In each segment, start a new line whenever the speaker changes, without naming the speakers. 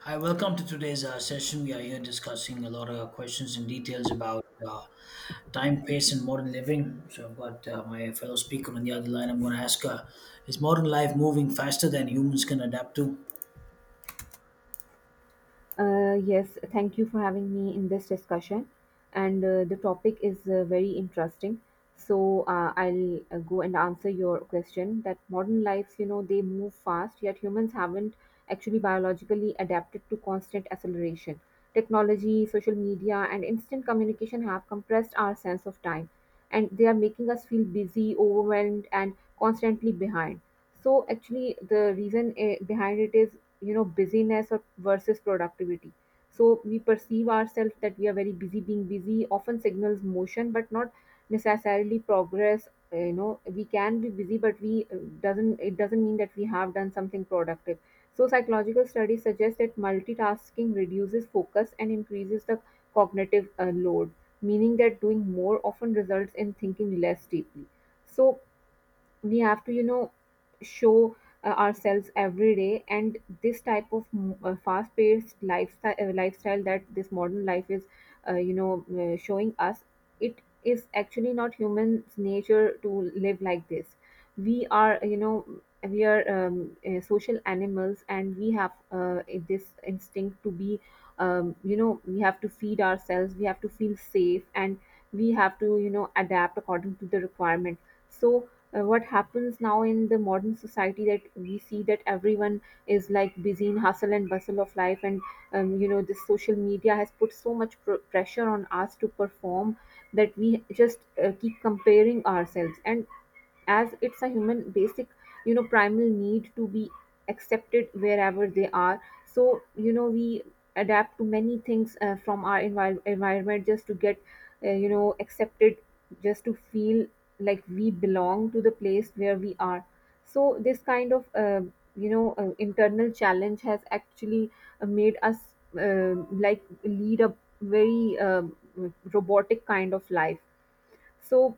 Hi, welcome to today's session. We are here discussing a lot of questions and details about time, pace, and modern living. So, I've got my fellow speaker on the other line. I'm going to ask is modern life moving faster than humans can adapt to?
Yes, thank you for having me in this discussion. And the topic is very interesting. So I'll go and answer your question that modern lives, you know, they move fast, yet humans haven't actually biologically adapted to constant acceleration. Technology, social media, and instant communication have compressed our sense of time, and they are making us feel busy, overwhelmed, and constantly behind. So actually, the reason behind it is busyness or versus productivity, so we perceive ourselves that we are very busy. Being busy often signals motion but not necessarily progress. You know, we can be busy but we doesn't it doesn't mean that we have done something productive. So psychological studies suggest that multitasking reduces focus and increases the cognitive load, meaning that doing more often results in thinking less deeply. So we have to show ourselves every day, and this type of fast-paced lifestyle that this modern life is showing us, it is actually not human's nature to live like this. We are you know we are social animals and we have this instinct to be we have to feed ourselves, we have to feel safe, and we have to, you know, adapt according to the requirement. So what happens now in the modern society that we see that everyone is like busy in hustle and bustle of life, and you know, this social media has put so much pressure on us to perform that we just keep comparing ourselves, and as it's a human basic, you know, primal need to be accepted wherever they are. So you know, we adapt to many things from our environment just to get you know accepted, just to feel like we belong to the place where we are. So this kind of internal challenge has actually made us like lead a very robotic kind of life. So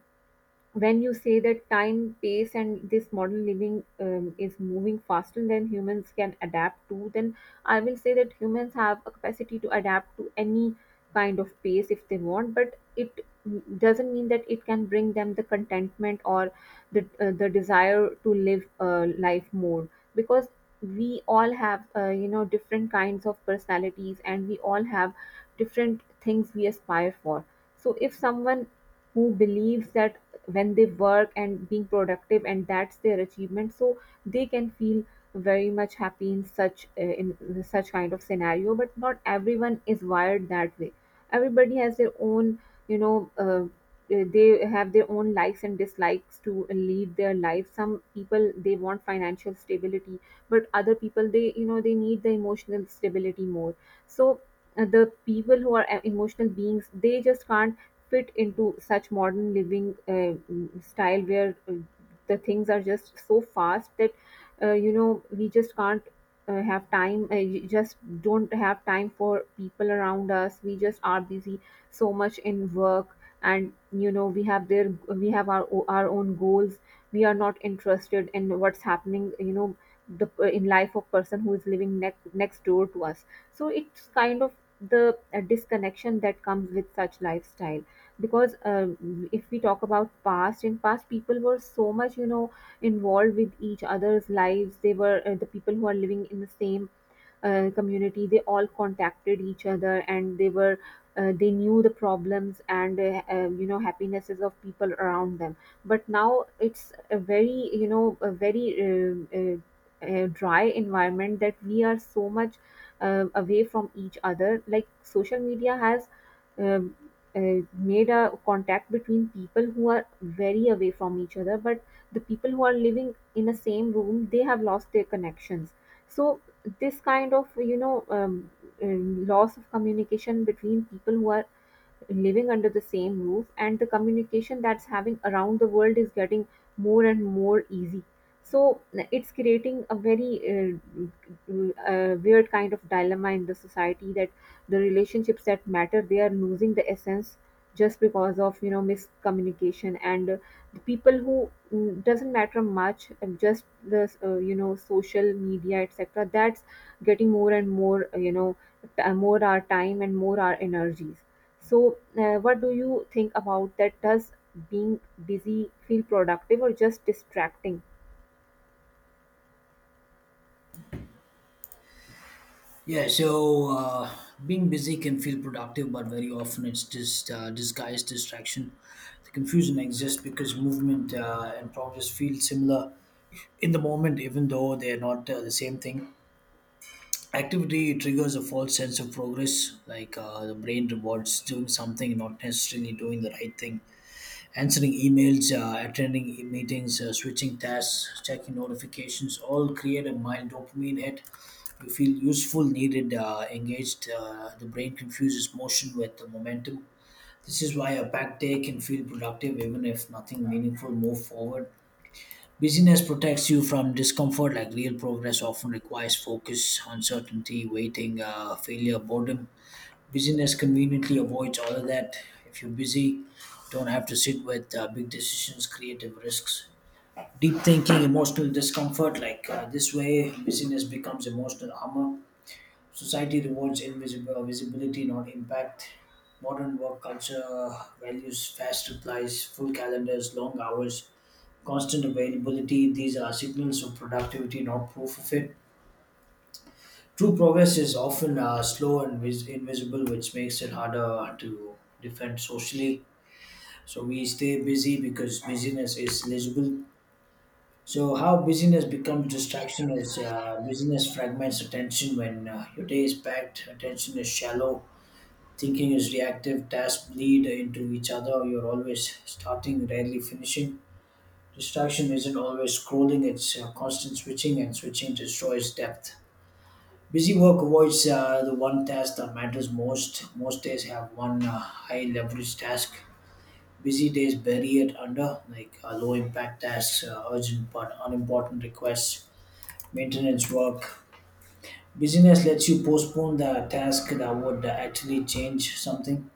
when you say that time, pace, and this modern living is moving faster than humans can adapt to, then I will say that humans have a capacity to adapt to any kind of pace if they want, but it doesn't mean that it can bring them the contentment or the desire to live life more, because we all have you know different kinds of personalities, and we all have different things we aspire for. So if someone who believes that when they work and being productive, and that's their achievement, so they can feel very much happy in such kind of scenario, but not everyone is wired that way. Everybody has their own, you know, they have their own likes and dislikes to lead their life. Some people they want financial stability, but other people they, you know, they need the emotional stability more. So the people who are emotional beings they just can't fit into such modern living style where the things are just so fast that you know we just can't have time, you just don't have time for people around us. We just are busy so much in work, and you know we have our own goals. We are not interested in what's happening, you know, the in life of person who is living next door to us. So it's kind of the disconnection that comes with such lifestyle. Because if we talk about past, in past people were so much, you know, involved with each other's lives. They were the people who are living in the same community, they all contacted each other, and they were they knew the problems and you know happinesses of people around them. But now it's a very, you know, a very dry environment, that we are so much away from each other. Like social media has um, made a contact between people who are very away from each other, but the people who are living in the same room they have lost their connections. So this kind of, you know, loss of communication between people who are living under the same roof, and the communication that's having around the world is getting more and more easy. So it's creating a very weird kind of dilemma in the society, that the relationships that matter they are losing the essence, just because of, you know, miscommunication. And people who doesn't matter much, just the you know social media, etc., that's getting more and more you know more our time and more our energies. So what do you think about that? Does being busy feel productive or just distracting?
Yeah, so being busy can feel productive, but very often it's just disguised distraction. The confusion exists because movement and progress feel similar in the moment, even though they're not the same thing. Activity triggers a false sense of progress, like the brain rewards doing something, not necessarily doing the right thing. Answering emails, attending meetings, switching tasks, checking notifications, all create a mild dopamine hit. You feel useful, needed, engaged. The brain confuses motion with the momentum. This is why a packed day can feel productive even if nothing meaningful move forward. Busyness protects you from discomfort, like real progress often requires focus, uncertainty, waiting, failure, boredom. Busyness conveniently avoids all of that. If you're busy, don't have to sit with big decisions, creative risks, deep thinking, emotional discomfort. Like this way, busyness becomes emotional armor. Society rewards invisible visibility, not impact. Modern work culture values fast replies, full calendars, long hours, constant availability. These are signals of productivity, not proof of it. True progress is often slow and invisible, which makes it harder to defend socially. So we stay busy because busyness is legible. So how busyness becomes distraction is busyness fragments attention. When your day is packed, attention is shallow, thinking is reactive, tasks bleed into each other. You're always starting, rarely finishing. Distraction isn't always scrolling, it's constant switching, and switching destroys depth. Busy work avoids the one task that matters most. Most days have one high leverage task. Busy days bury it under, like low impact tasks, urgent but unimportant requests, maintenance work. Busyness lets you postpone the task that would actually change something.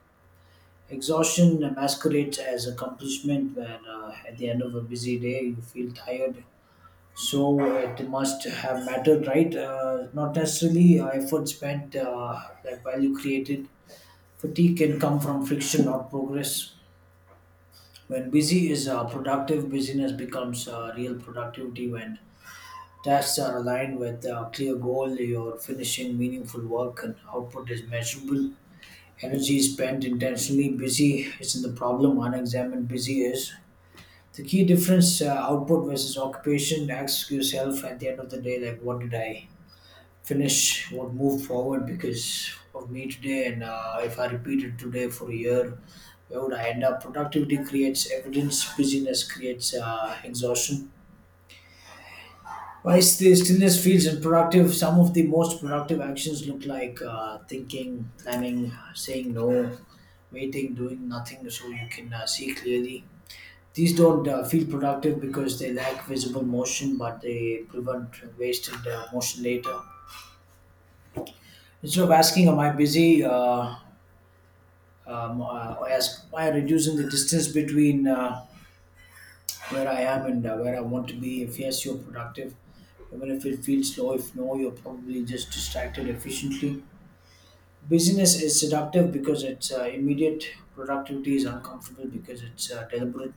Exhaustion masquerades as accomplishment, where at the end of a busy day you feel tired, so it must have mattered, right? Not necessarily. Effort spent that value created, fatigue can come from friction, not progress. When busy is productive, busyness becomes real productivity when tasks are aligned with a clear goal, you're finishing meaningful work, and output is measurable, energy is spent intentionally. Busy isn't the problem, unexamined busy is. The key difference, output versus occupation. Ask yourself at the end of the day, like, what did I finish? Won't move forward because of me today, and if I repeat it today for a year, where would I end up? Productivity creates evidence, busyness creates exhaustion. Whilst the stillness feels unproductive, some of the most productive actions look like thinking, planning, saying no, waiting, doing nothing so you can see clearly. These don't feel productive because they lack visible motion, but they prevent wasted motion later. Instead of asking am I busy, as by reducing the distance between where I am and where I want to be. If yes, you're productive. Even if it feels slow, if no, you're probably just distracted efficiently. Busyness is seductive because it's immediate. Productivity is uncomfortable because it's deliberate.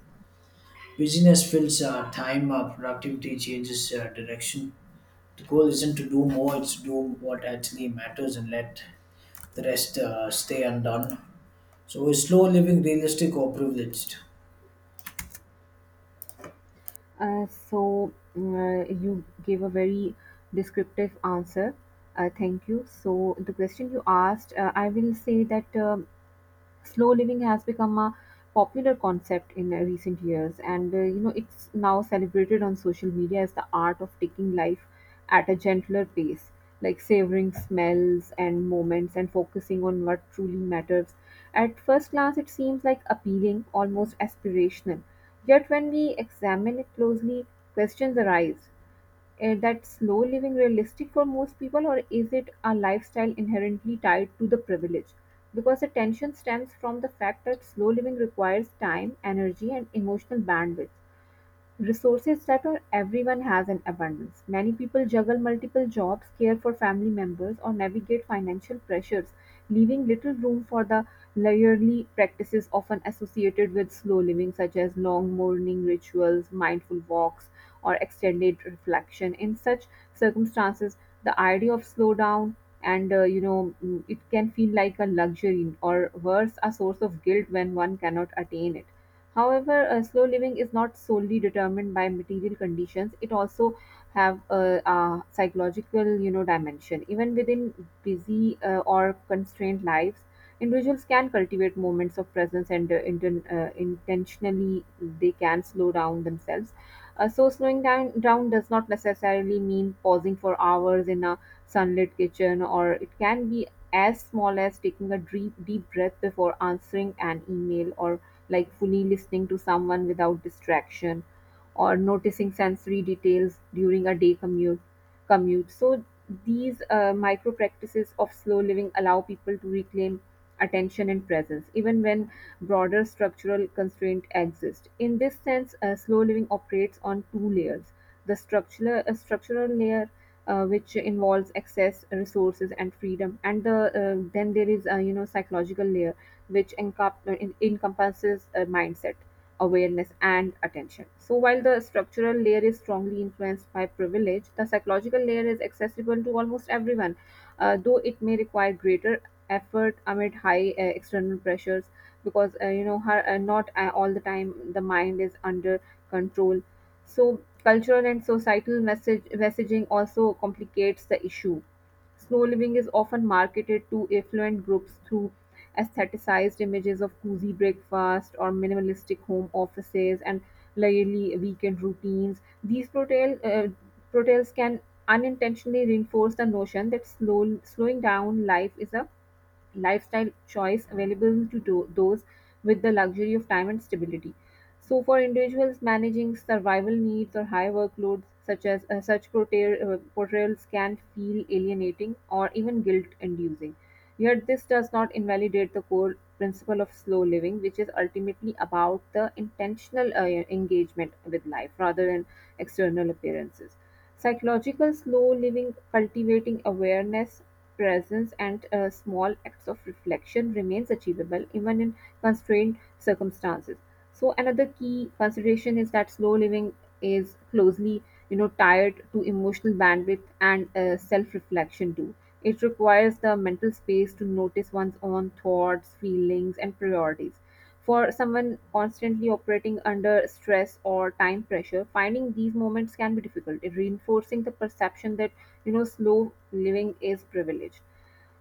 Busyness fills time. Productivity changes direction. The goal isn't to do more; it's to do what actually matters and let the rest stay undone. So, is slow living realistic or privileged?
So you gave a very descriptive answer. Thank you. So the question you asked, I will say that slow living has become a popular concept in recent years, and you know it's now celebrated on social media as the art of taking life at a gentler pace, like savoring smells and moments and focusing on what truly matters. At first glance it seems like appealing, almost aspirational. Yet when we examine it closely, questions arise that slow living realistic for most people, or is it a lifestyle inherently tied to the privilege? Because the tension stems from the fact that slow living requires time, energy, and emotional bandwidth, resources that are everyone has in abundance. Many people juggle multiple jobs, care for family members, or navigate financial pressures, leaving little room for the layerly practices often associated with slow living, such as long morning rituals, mindful walks, or extended reflection. In such circumstances, the idea of slow down and it can feel like a luxury, or worse, a source of guilt when one cannot attain it. However, slow living is not solely determined by material conditions. It also have a psychological, you know, dimension. Even within busy or constrained lives, individuals can cultivate moments of presence and intentionally they can slow down themselves. So, slowing down does not necessarily mean pausing for hours in a sunlit kitchen, or it can be as small as taking a deep breath before answering an email, or like fully listening to someone without distraction, or noticing sensory details during a day commute. So these micro practices of slow living allow people to reclaim attention and presence even when broader structural constraint exist. In this sense, slow living operates on two layers: the structural, structural layer, which involves access resources and freedom, and then there is a, you know, psychological layer, which encompasses a mindset, awareness, and attention. So, while the structural layer is strongly influenced by privilege, the psychological layer is accessible to almost everyone, though it may require greater effort amid high external pressures, because not all the time the mind is under control. So cultural and societal message messaging also complicates the issue. Snow living is often marketed to affluent groups through aestheticized images of cozy breakfast or minimalistic home offices and leisurely weekend routines. These portrayals can unintentionally reinforce the notion that slowing down life is a lifestyle choice available to those with the luxury of time and stability. So, for individuals managing survival needs or high workloads, such as portrayals can feel alienating or even guilt-inducing. Yet, this does not invalidate the core principle of slow living, which is ultimately about the intentional engagement with life rather than external appearances. Psychological slow living, cultivating awareness, presence, and small acts of reflection remains achievable even in constrained circumstances. So another key consideration is that slow living is closely, you know, tied to emotional bandwidth and self reflection too. It requires the mental space to notice one's own thoughts, feelings, and priorities. For someone constantly operating under stress or time pressure, finding these moments can be difficult, reinforcing the perception that, you know, slow living is privileged.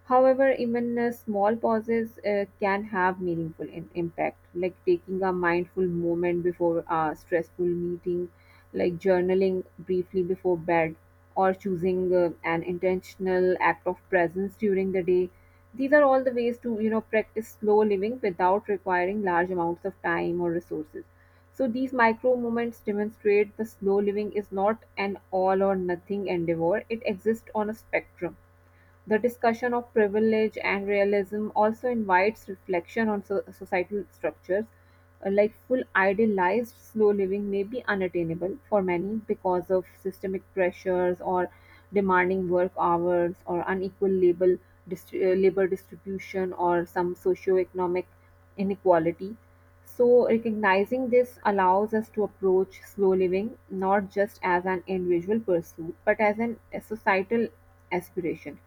However, even small pauses can have meaningful impact, like taking a mindful moment before a stressful meeting, like journaling briefly before bed, or choosing an intentional act of presence during the day. These are all the ways to, you know, practice slow living without requiring large amounts of time or resources. So these micro moments demonstrate the slow living is not an all or nothing endeavor. It exists on a spectrum. The discussion of privilege and realism also invites reflection on societal structures, like full idealized slow living may be unattainable for many because of systemic pressures or demanding work hours or unequal labor, labor distribution or some socioeconomic inequality. So, recognizing this allows us to approach slow living not just as an individual pursuit but as a societal aspiration,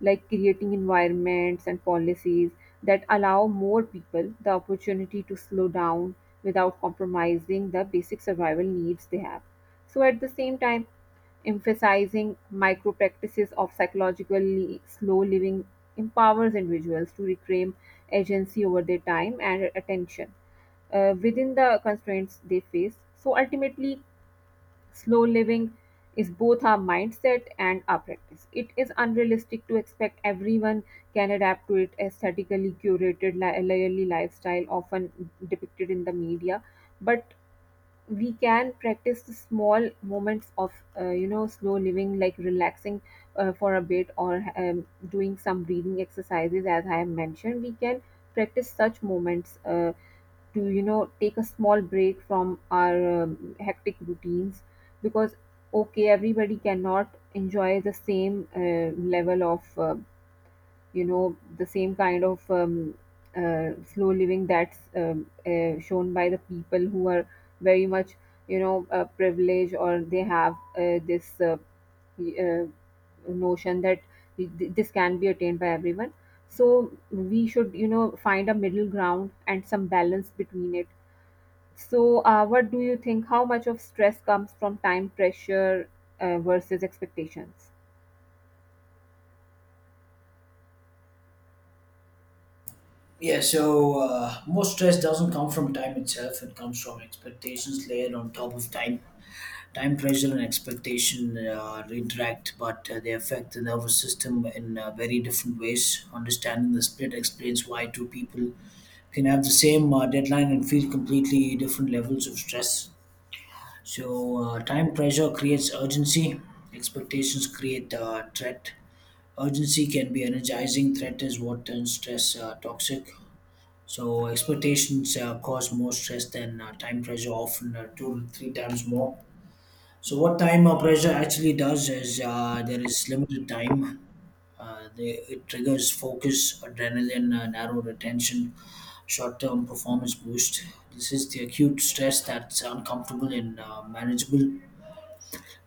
like creating environments and policies that allow more people the opportunity to slow down without compromising the basic survival needs they have. So, at the same time, emphasizing micro practices of psychologically slow living empowers individuals to reclaim agency over their time and attention within the constraints they face. So ultimately, slow living is both our mindset and our practice. It is unrealistic to expect everyone can adapt to it aesthetically curated leisurely lifestyle often depicted in the media, but we can practice the small moments of slow living, like relaxing for a bit, or doing some breathing exercises, as I have mentioned. We can practice such moments to take a small break from our hectic routines, because okay, everybody cannot enjoy the same level of the same kind of slow living that's shown by the people who are very much privileged, or they have this uh, notion that this can be attained by everyone. So we should find a middle ground and some balance between it. So, what do you think? How much of stress comes from time pressure versus expectations?
Yeah, so most stress doesn't come from time itself. It comes from expectations layered on top of time. Time pressure and expectation interact, but they affect the nervous system in very different ways. Understanding the split explains why two people can have the same deadline and feel completely different levels of stress. So, time pressure creates urgency, expectations create threat. Urgency can be energizing, threat is what turns stress toxic. So expectations cause more stress than time pressure, often two to three times more. So what time pressure actually does is there is limited time. It triggers focus, adrenaline, narrowed attention, short-term performance boost. This is the acute stress that's uncomfortable and manageable.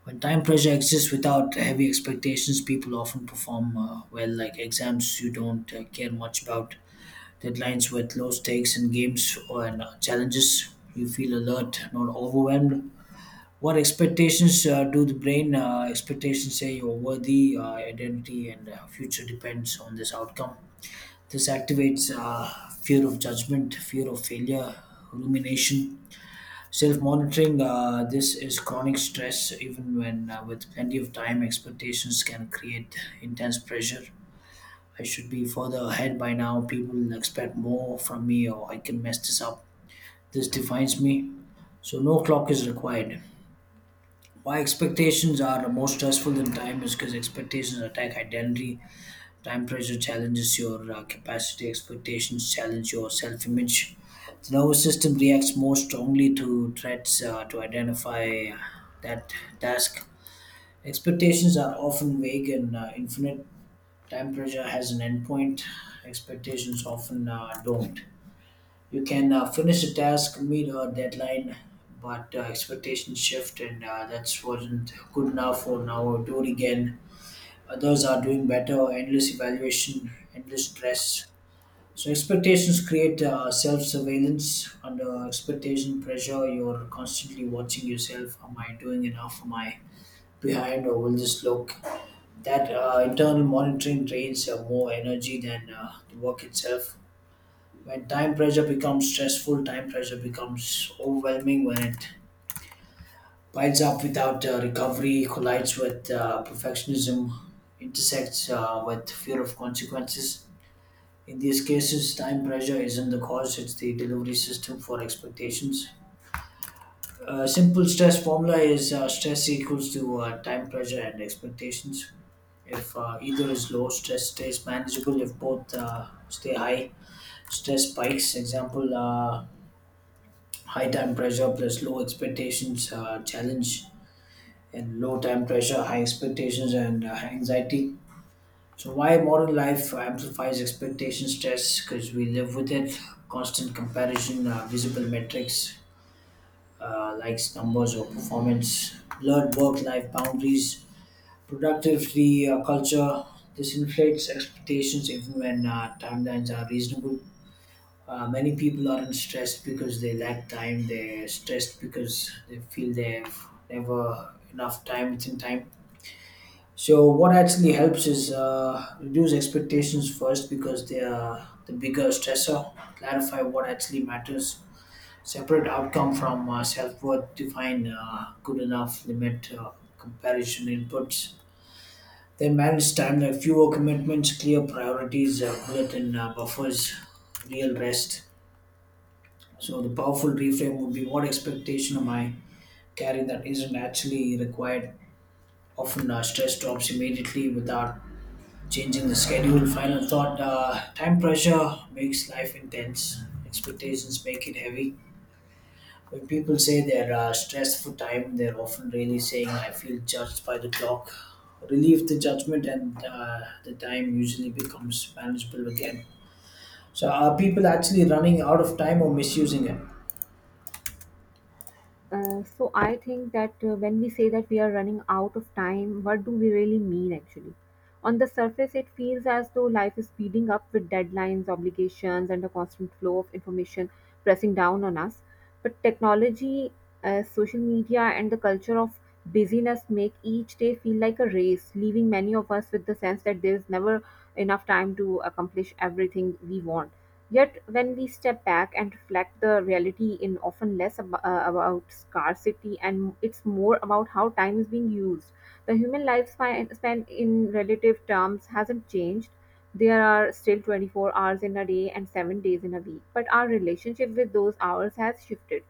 When time pressure exists without heavy expectations, people often perform well, like exams you don't care much about, deadlines with low stakes in games or challenges. You feel alert, not overwhelmed. What expectations do the brain, expectations say you're worthy? Identity and future depends on this outcome. This activates fear of judgment, fear of failure, rumination, self-monitoring. This is chronic stress, even when with plenty of time. Expectations can create intense pressure. I should be further ahead by now. People will expect more from me, or I can mess this up. This defines me. So, no clock is required. Why expectations are more stressful than time is because expectations attack identity. Time pressure challenges your capacity, expectations challenge your self image. The nervous system reacts more strongly to threats to identify that task. Expectations are often vague and infinite. Time pressure has an endpoint. Expectations often don't. You can finish a task, meet a deadline, but expectations shift, and that's wasn't good enough for now. Do it again. Others are doing better. Endless evaluation, endless stress. So expectations create self-surveillance. Under expectation pressure, you're constantly watching yourself. Am I doing enough? Am I behind, or will this look that internal monitoring drains more energy than the work itself. When time pressure becomes stressful, time pressure becomes overwhelming. When it piles up without recovery, collides with perfectionism, intersects with fear of consequences. In these cases, time pressure isn't the cause, it's the delivery system for expectations. A simple stress formula is stress equals to time pressure and expectations. If either is low, stress stays manageable. If both stay high, stress spikes. Example, high time pressure plus low expectations, challenge, and low time pressure, high expectations, and anxiety. So, why modern life amplifies expectation stress? Because we live with it. Constant comparison, visible metrics, likes, numbers, or performance, blurred work life boundaries, productivity culture. This inflates expectations even when timelines are reasonable. Many people aren't stressed because they lack time. They're stressed because they feel they've never enough time within time. So what actually helps is reduce expectations first because they are the bigger stressor. Clarify what actually matters. Separate outcome from self worth. Define good enough, limit comparison inputs, they manage time, like fewer commitments, clear priorities, built-in buffers, real rest. So the powerful reframe would be: what expectation am I carrying that isn't actually required? Often stress drops immediately without changing the schedule. Final thought: time pressure makes life intense. Expectations make it heavy. When people say they're stressed for time, they're often really saying, I feel judged by the clock. Relieve the judgment, and the time usually becomes manageable again. So, are people actually running out of time or misusing it?
So I think that when we say that we are running out of time, what do we really mean actually? On the surface, it feels as though life is speeding up with deadlines, obligations, and a constant flow of information pressing down on us. But technology, social media, and the culture of busyness make each day feel like a race, leaving many of us with the sense that there is never enough time to accomplish everything we want. Yet, when we step back and reflect, the reality in often less about scarcity, and it's more about how time is being used. The human lifespan span in relative terms hasn't changed. There are still 24 hours in a day and 7 days in a week, but our relationship with those hours has shifted.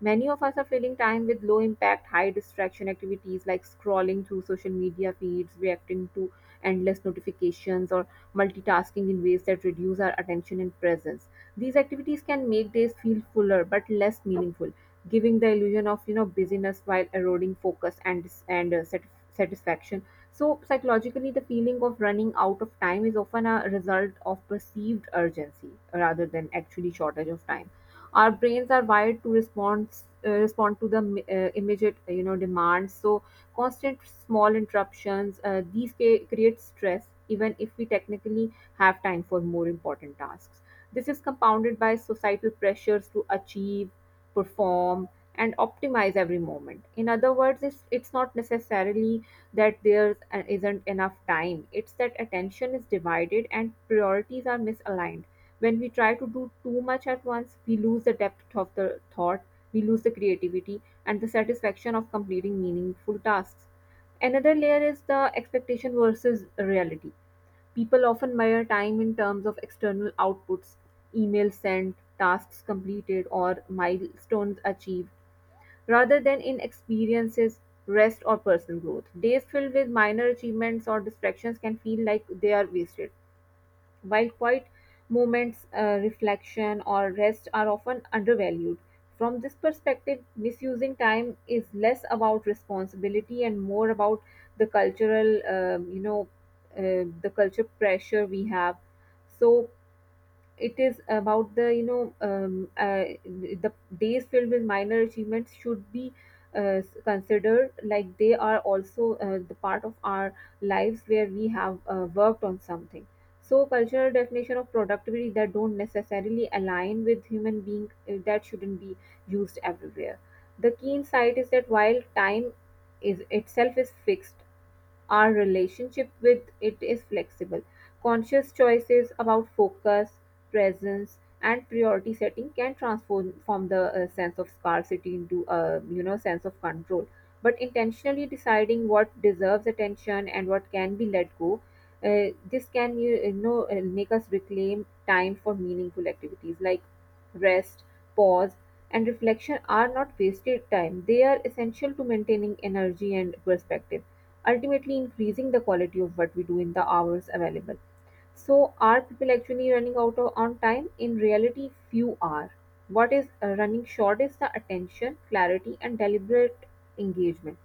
Many of us are filling time with low impact, high distraction activities like scrolling through social media feeds, reacting to endless notifications, or multitasking in ways that reduce our attention and presence. These activities can make days feel fuller but less meaningful, giving the illusion of busyness while eroding focus and satisfaction. So psychologically, the feeling of running out of time is often a result of perceived urgency rather than actually shortage of time. Our brains are wired to respond to the immediate demands, so constant small interruptions, these create stress even if we technically have time for more important tasks. This is compounded by societal pressures to achieve, perform, and optimize every moment. In other words, it's not necessarily that there isn't enough time. It's that attention is divided and priorities are misaligned. When we try to do too much at once, we lose the depth of the thought, we lose the creativity, and the satisfaction of completing meaningful tasks. Another layer is the expectation versus reality. People often measure time in terms of external outputs, emails sent, tasks completed, or milestones achieved. Rather than in experiences, rest, or personal growth, days filled with minor achievements or distractions can feel like they are wasted, while quiet moments, reflection, or rest are often undervalued. From this perspective, misusing time is less about responsibility and more about the culture pressure we have. So, it is about the the days filled with minor achievements should be considered like they are also the part of our lives where we have worked on something. So cultural definition of productivity that don't necessarily align with human being that shouldn't be used everywhere. The key insight is that while time is itself is fixed, our relationship with it is flexible. Conscious choices about focus, presence and priority setting can transform from the sense of scarcity into a sense of control, but intentionally deciding what deserves attention and what can be let go this can make us reclaim time for meaningful activities like rest, pause, and reflection are not wasted time. They are essential to maintaining energy and perspective, ultimately increasing the quality of what we do in the hours available. So are people actually running out on time? In reality, few are. What is running short is the attention, clarity, and deliberate engagement.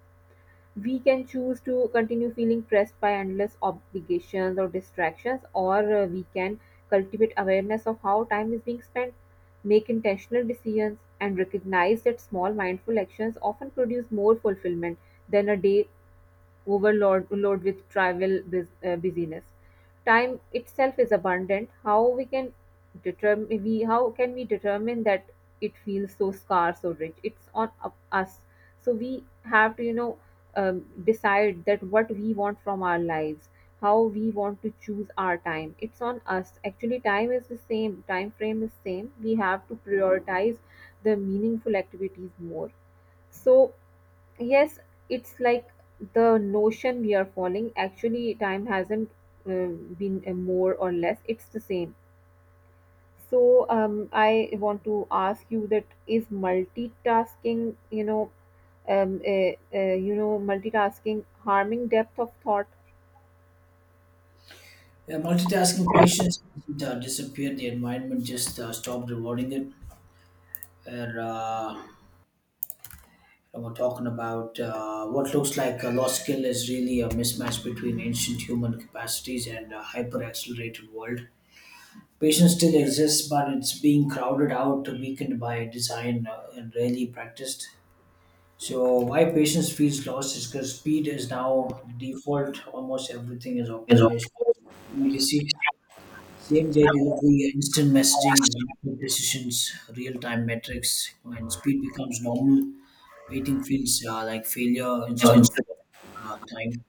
We can choose to continue feeling pressed by endless obligations or distractions, or we can cultivate awareness of how time is being spent, make intentional decisions, and recognize that small mindful actions often produce more fulfillment than a day overload load with trivial busyness. Time itself is abundant. How can we determine that it feels so scarce or rich? It's on us. So we have to decide that what we want from our lives, how we want to choose our time. It's on us. Actually, time is the same. Time frame is same. We have to prioritize the meaningful activities more. So yes, it's like the notion we are following. Actually time hasn't been more or less, it's the same. So I want to ask you, that is multitasking um, uh, harming depth of thought?
Yeah, multitasking patients disappeared, the environment just stopped rewarding it. Where, uh, we're talking about what looks like a lost skill is really a mismatch between ancient human capacities and a hyper accelerated world. Patience still exists, but it's being crowded out, weakened by design, and rarely practiced. So, why patience feels lost is because speed is now default. Almost everything is
Yes,
optimized to immediacy, same day delivery, instant messaging, rapid decisions, real time metrics. When speed becomes normal, waiting feels like failure instead
uh,
of time.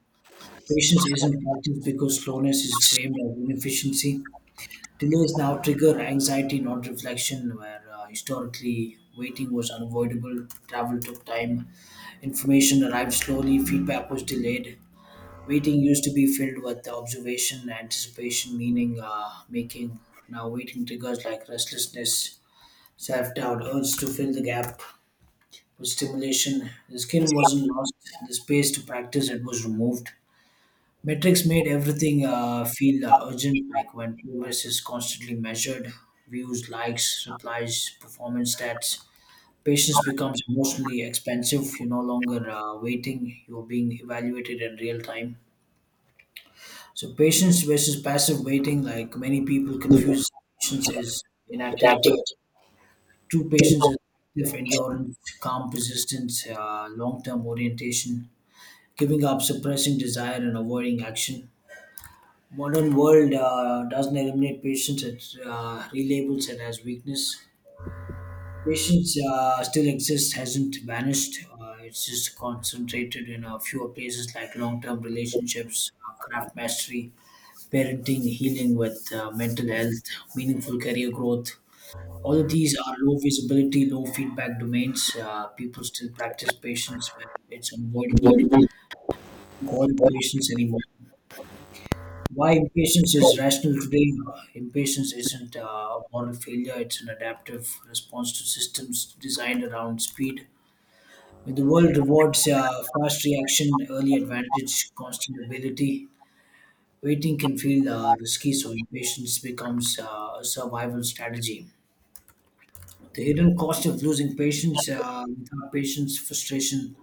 Patience isn't practiced because slowness is framed as inefficiency. Delays now trigger anxiety, not reflection, where historically waiting was unavoidable, travel took time, information arrived slowly, feedback was delayed. Waiting used to be filled with observation, anticipation, meaning making. Now, waiting triggers like restlessness, self doubt, urge to fill the gap with stimulation. The skill wasn't lost, the space to practice it was removed. Metrics made everything feel urgent, like when progress is constantly measured, views, likes, replies, performance stats. Patience becomes emotionally expensive. You're no longer waiting, you're being evaluated in real time. So, patience versus passive waiting, like many people confuse patience as inactivity. True patience is active endurance, calm persistence, long term orientation, giving up, suppressing desire, and avoiding action. Modern world doesn't eliminate patience; it relabels it as weakness. Patience still exists, hasn't vanished. It's just concentrated in a fewer places like long-term relationships, craft mastery, parenting, healing with mental health, meaningful career growth. All of these are low visibility, low feedback domains. People still practice patience when it's unavoidable.
instead
Call it patience anymore. Why impatience is rational today. Impatience isn't a moral failure, it's an adaptive response to systems designed around speed. When the world rewards fast reaction, early advantage, constant ability, waiting can feel risky, so impatience becomes a survival strategy. The hidden cost of losing patience, without patience, frustration,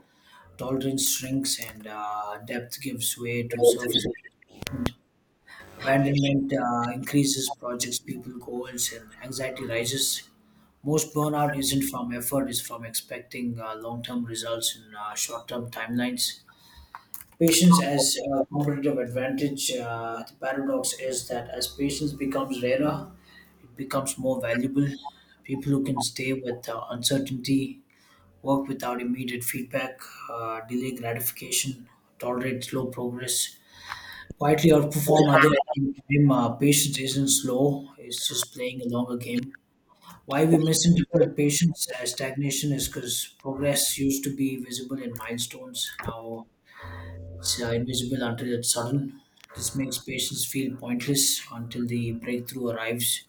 tolerance shrinks, and depth gives way to surface.
of.
Abandonment increases projects, people goals, and anxiety rises. Most burnout isn't from effort; it's from expecting long-term results in short-term timelines. Patience as a competitive advantage. The paradox is that as patience becomes rarer, it becomes more valuable. People who can stay with uncertainty, work without immediate feedback, delay gratification, tolerate slow progress, quietly outperform others in the game. Patience isn't slow, it's just playing a longer game. Why we misinterpret patience as stagnation is because progress used to be visible in milestones. Now it's invisible until it's sudden. This makes patience feel pointless until the breakthrough arrives.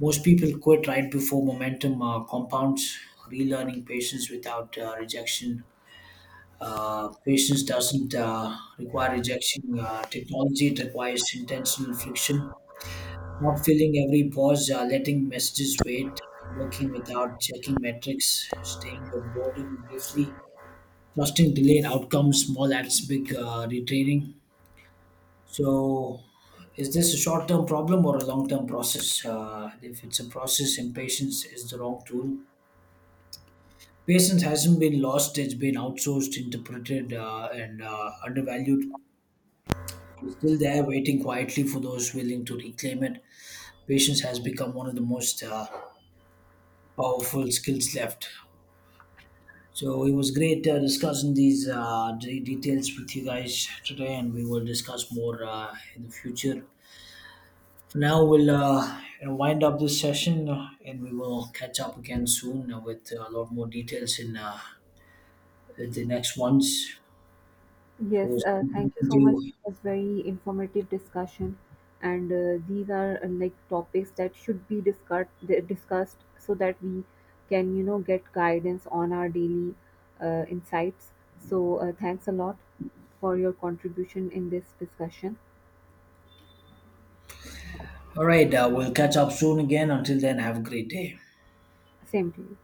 Most people quit right before momentum compounds, relearning patience without rejection. Patience doesn't require rejection. Technology it requires intentional friction. Not filling every pause, letting messages wait, working without checking metrics, staying with boredom briefly, trusting delayed outcomes, small acts, big retraining. So, is this a short term problem or a long term process? If it's a process, impatience is the wrong tool. Patience hasn't been lost, it's been outsourced, interpreted, and undervalued. It's still there, waiting quietly for those willing to reclaim it. Patience has become one of the most powerful skills left. So it was great discussing these details with you guys today, and we will discuss more in the future. For now, we'll wind up this session, and we will catch up again soon with a lot more details in the next ones. So, it
Yes,
was good
thank you
talking
so
to
much.
you.
It was very informative discussion, and these are like topics that should be discussed so that we can get guidance on our daily insights. So thanks a lot for your contribution in this discussion.
All right, we'll catch up soon again. Until then, have a great day.
Same to you.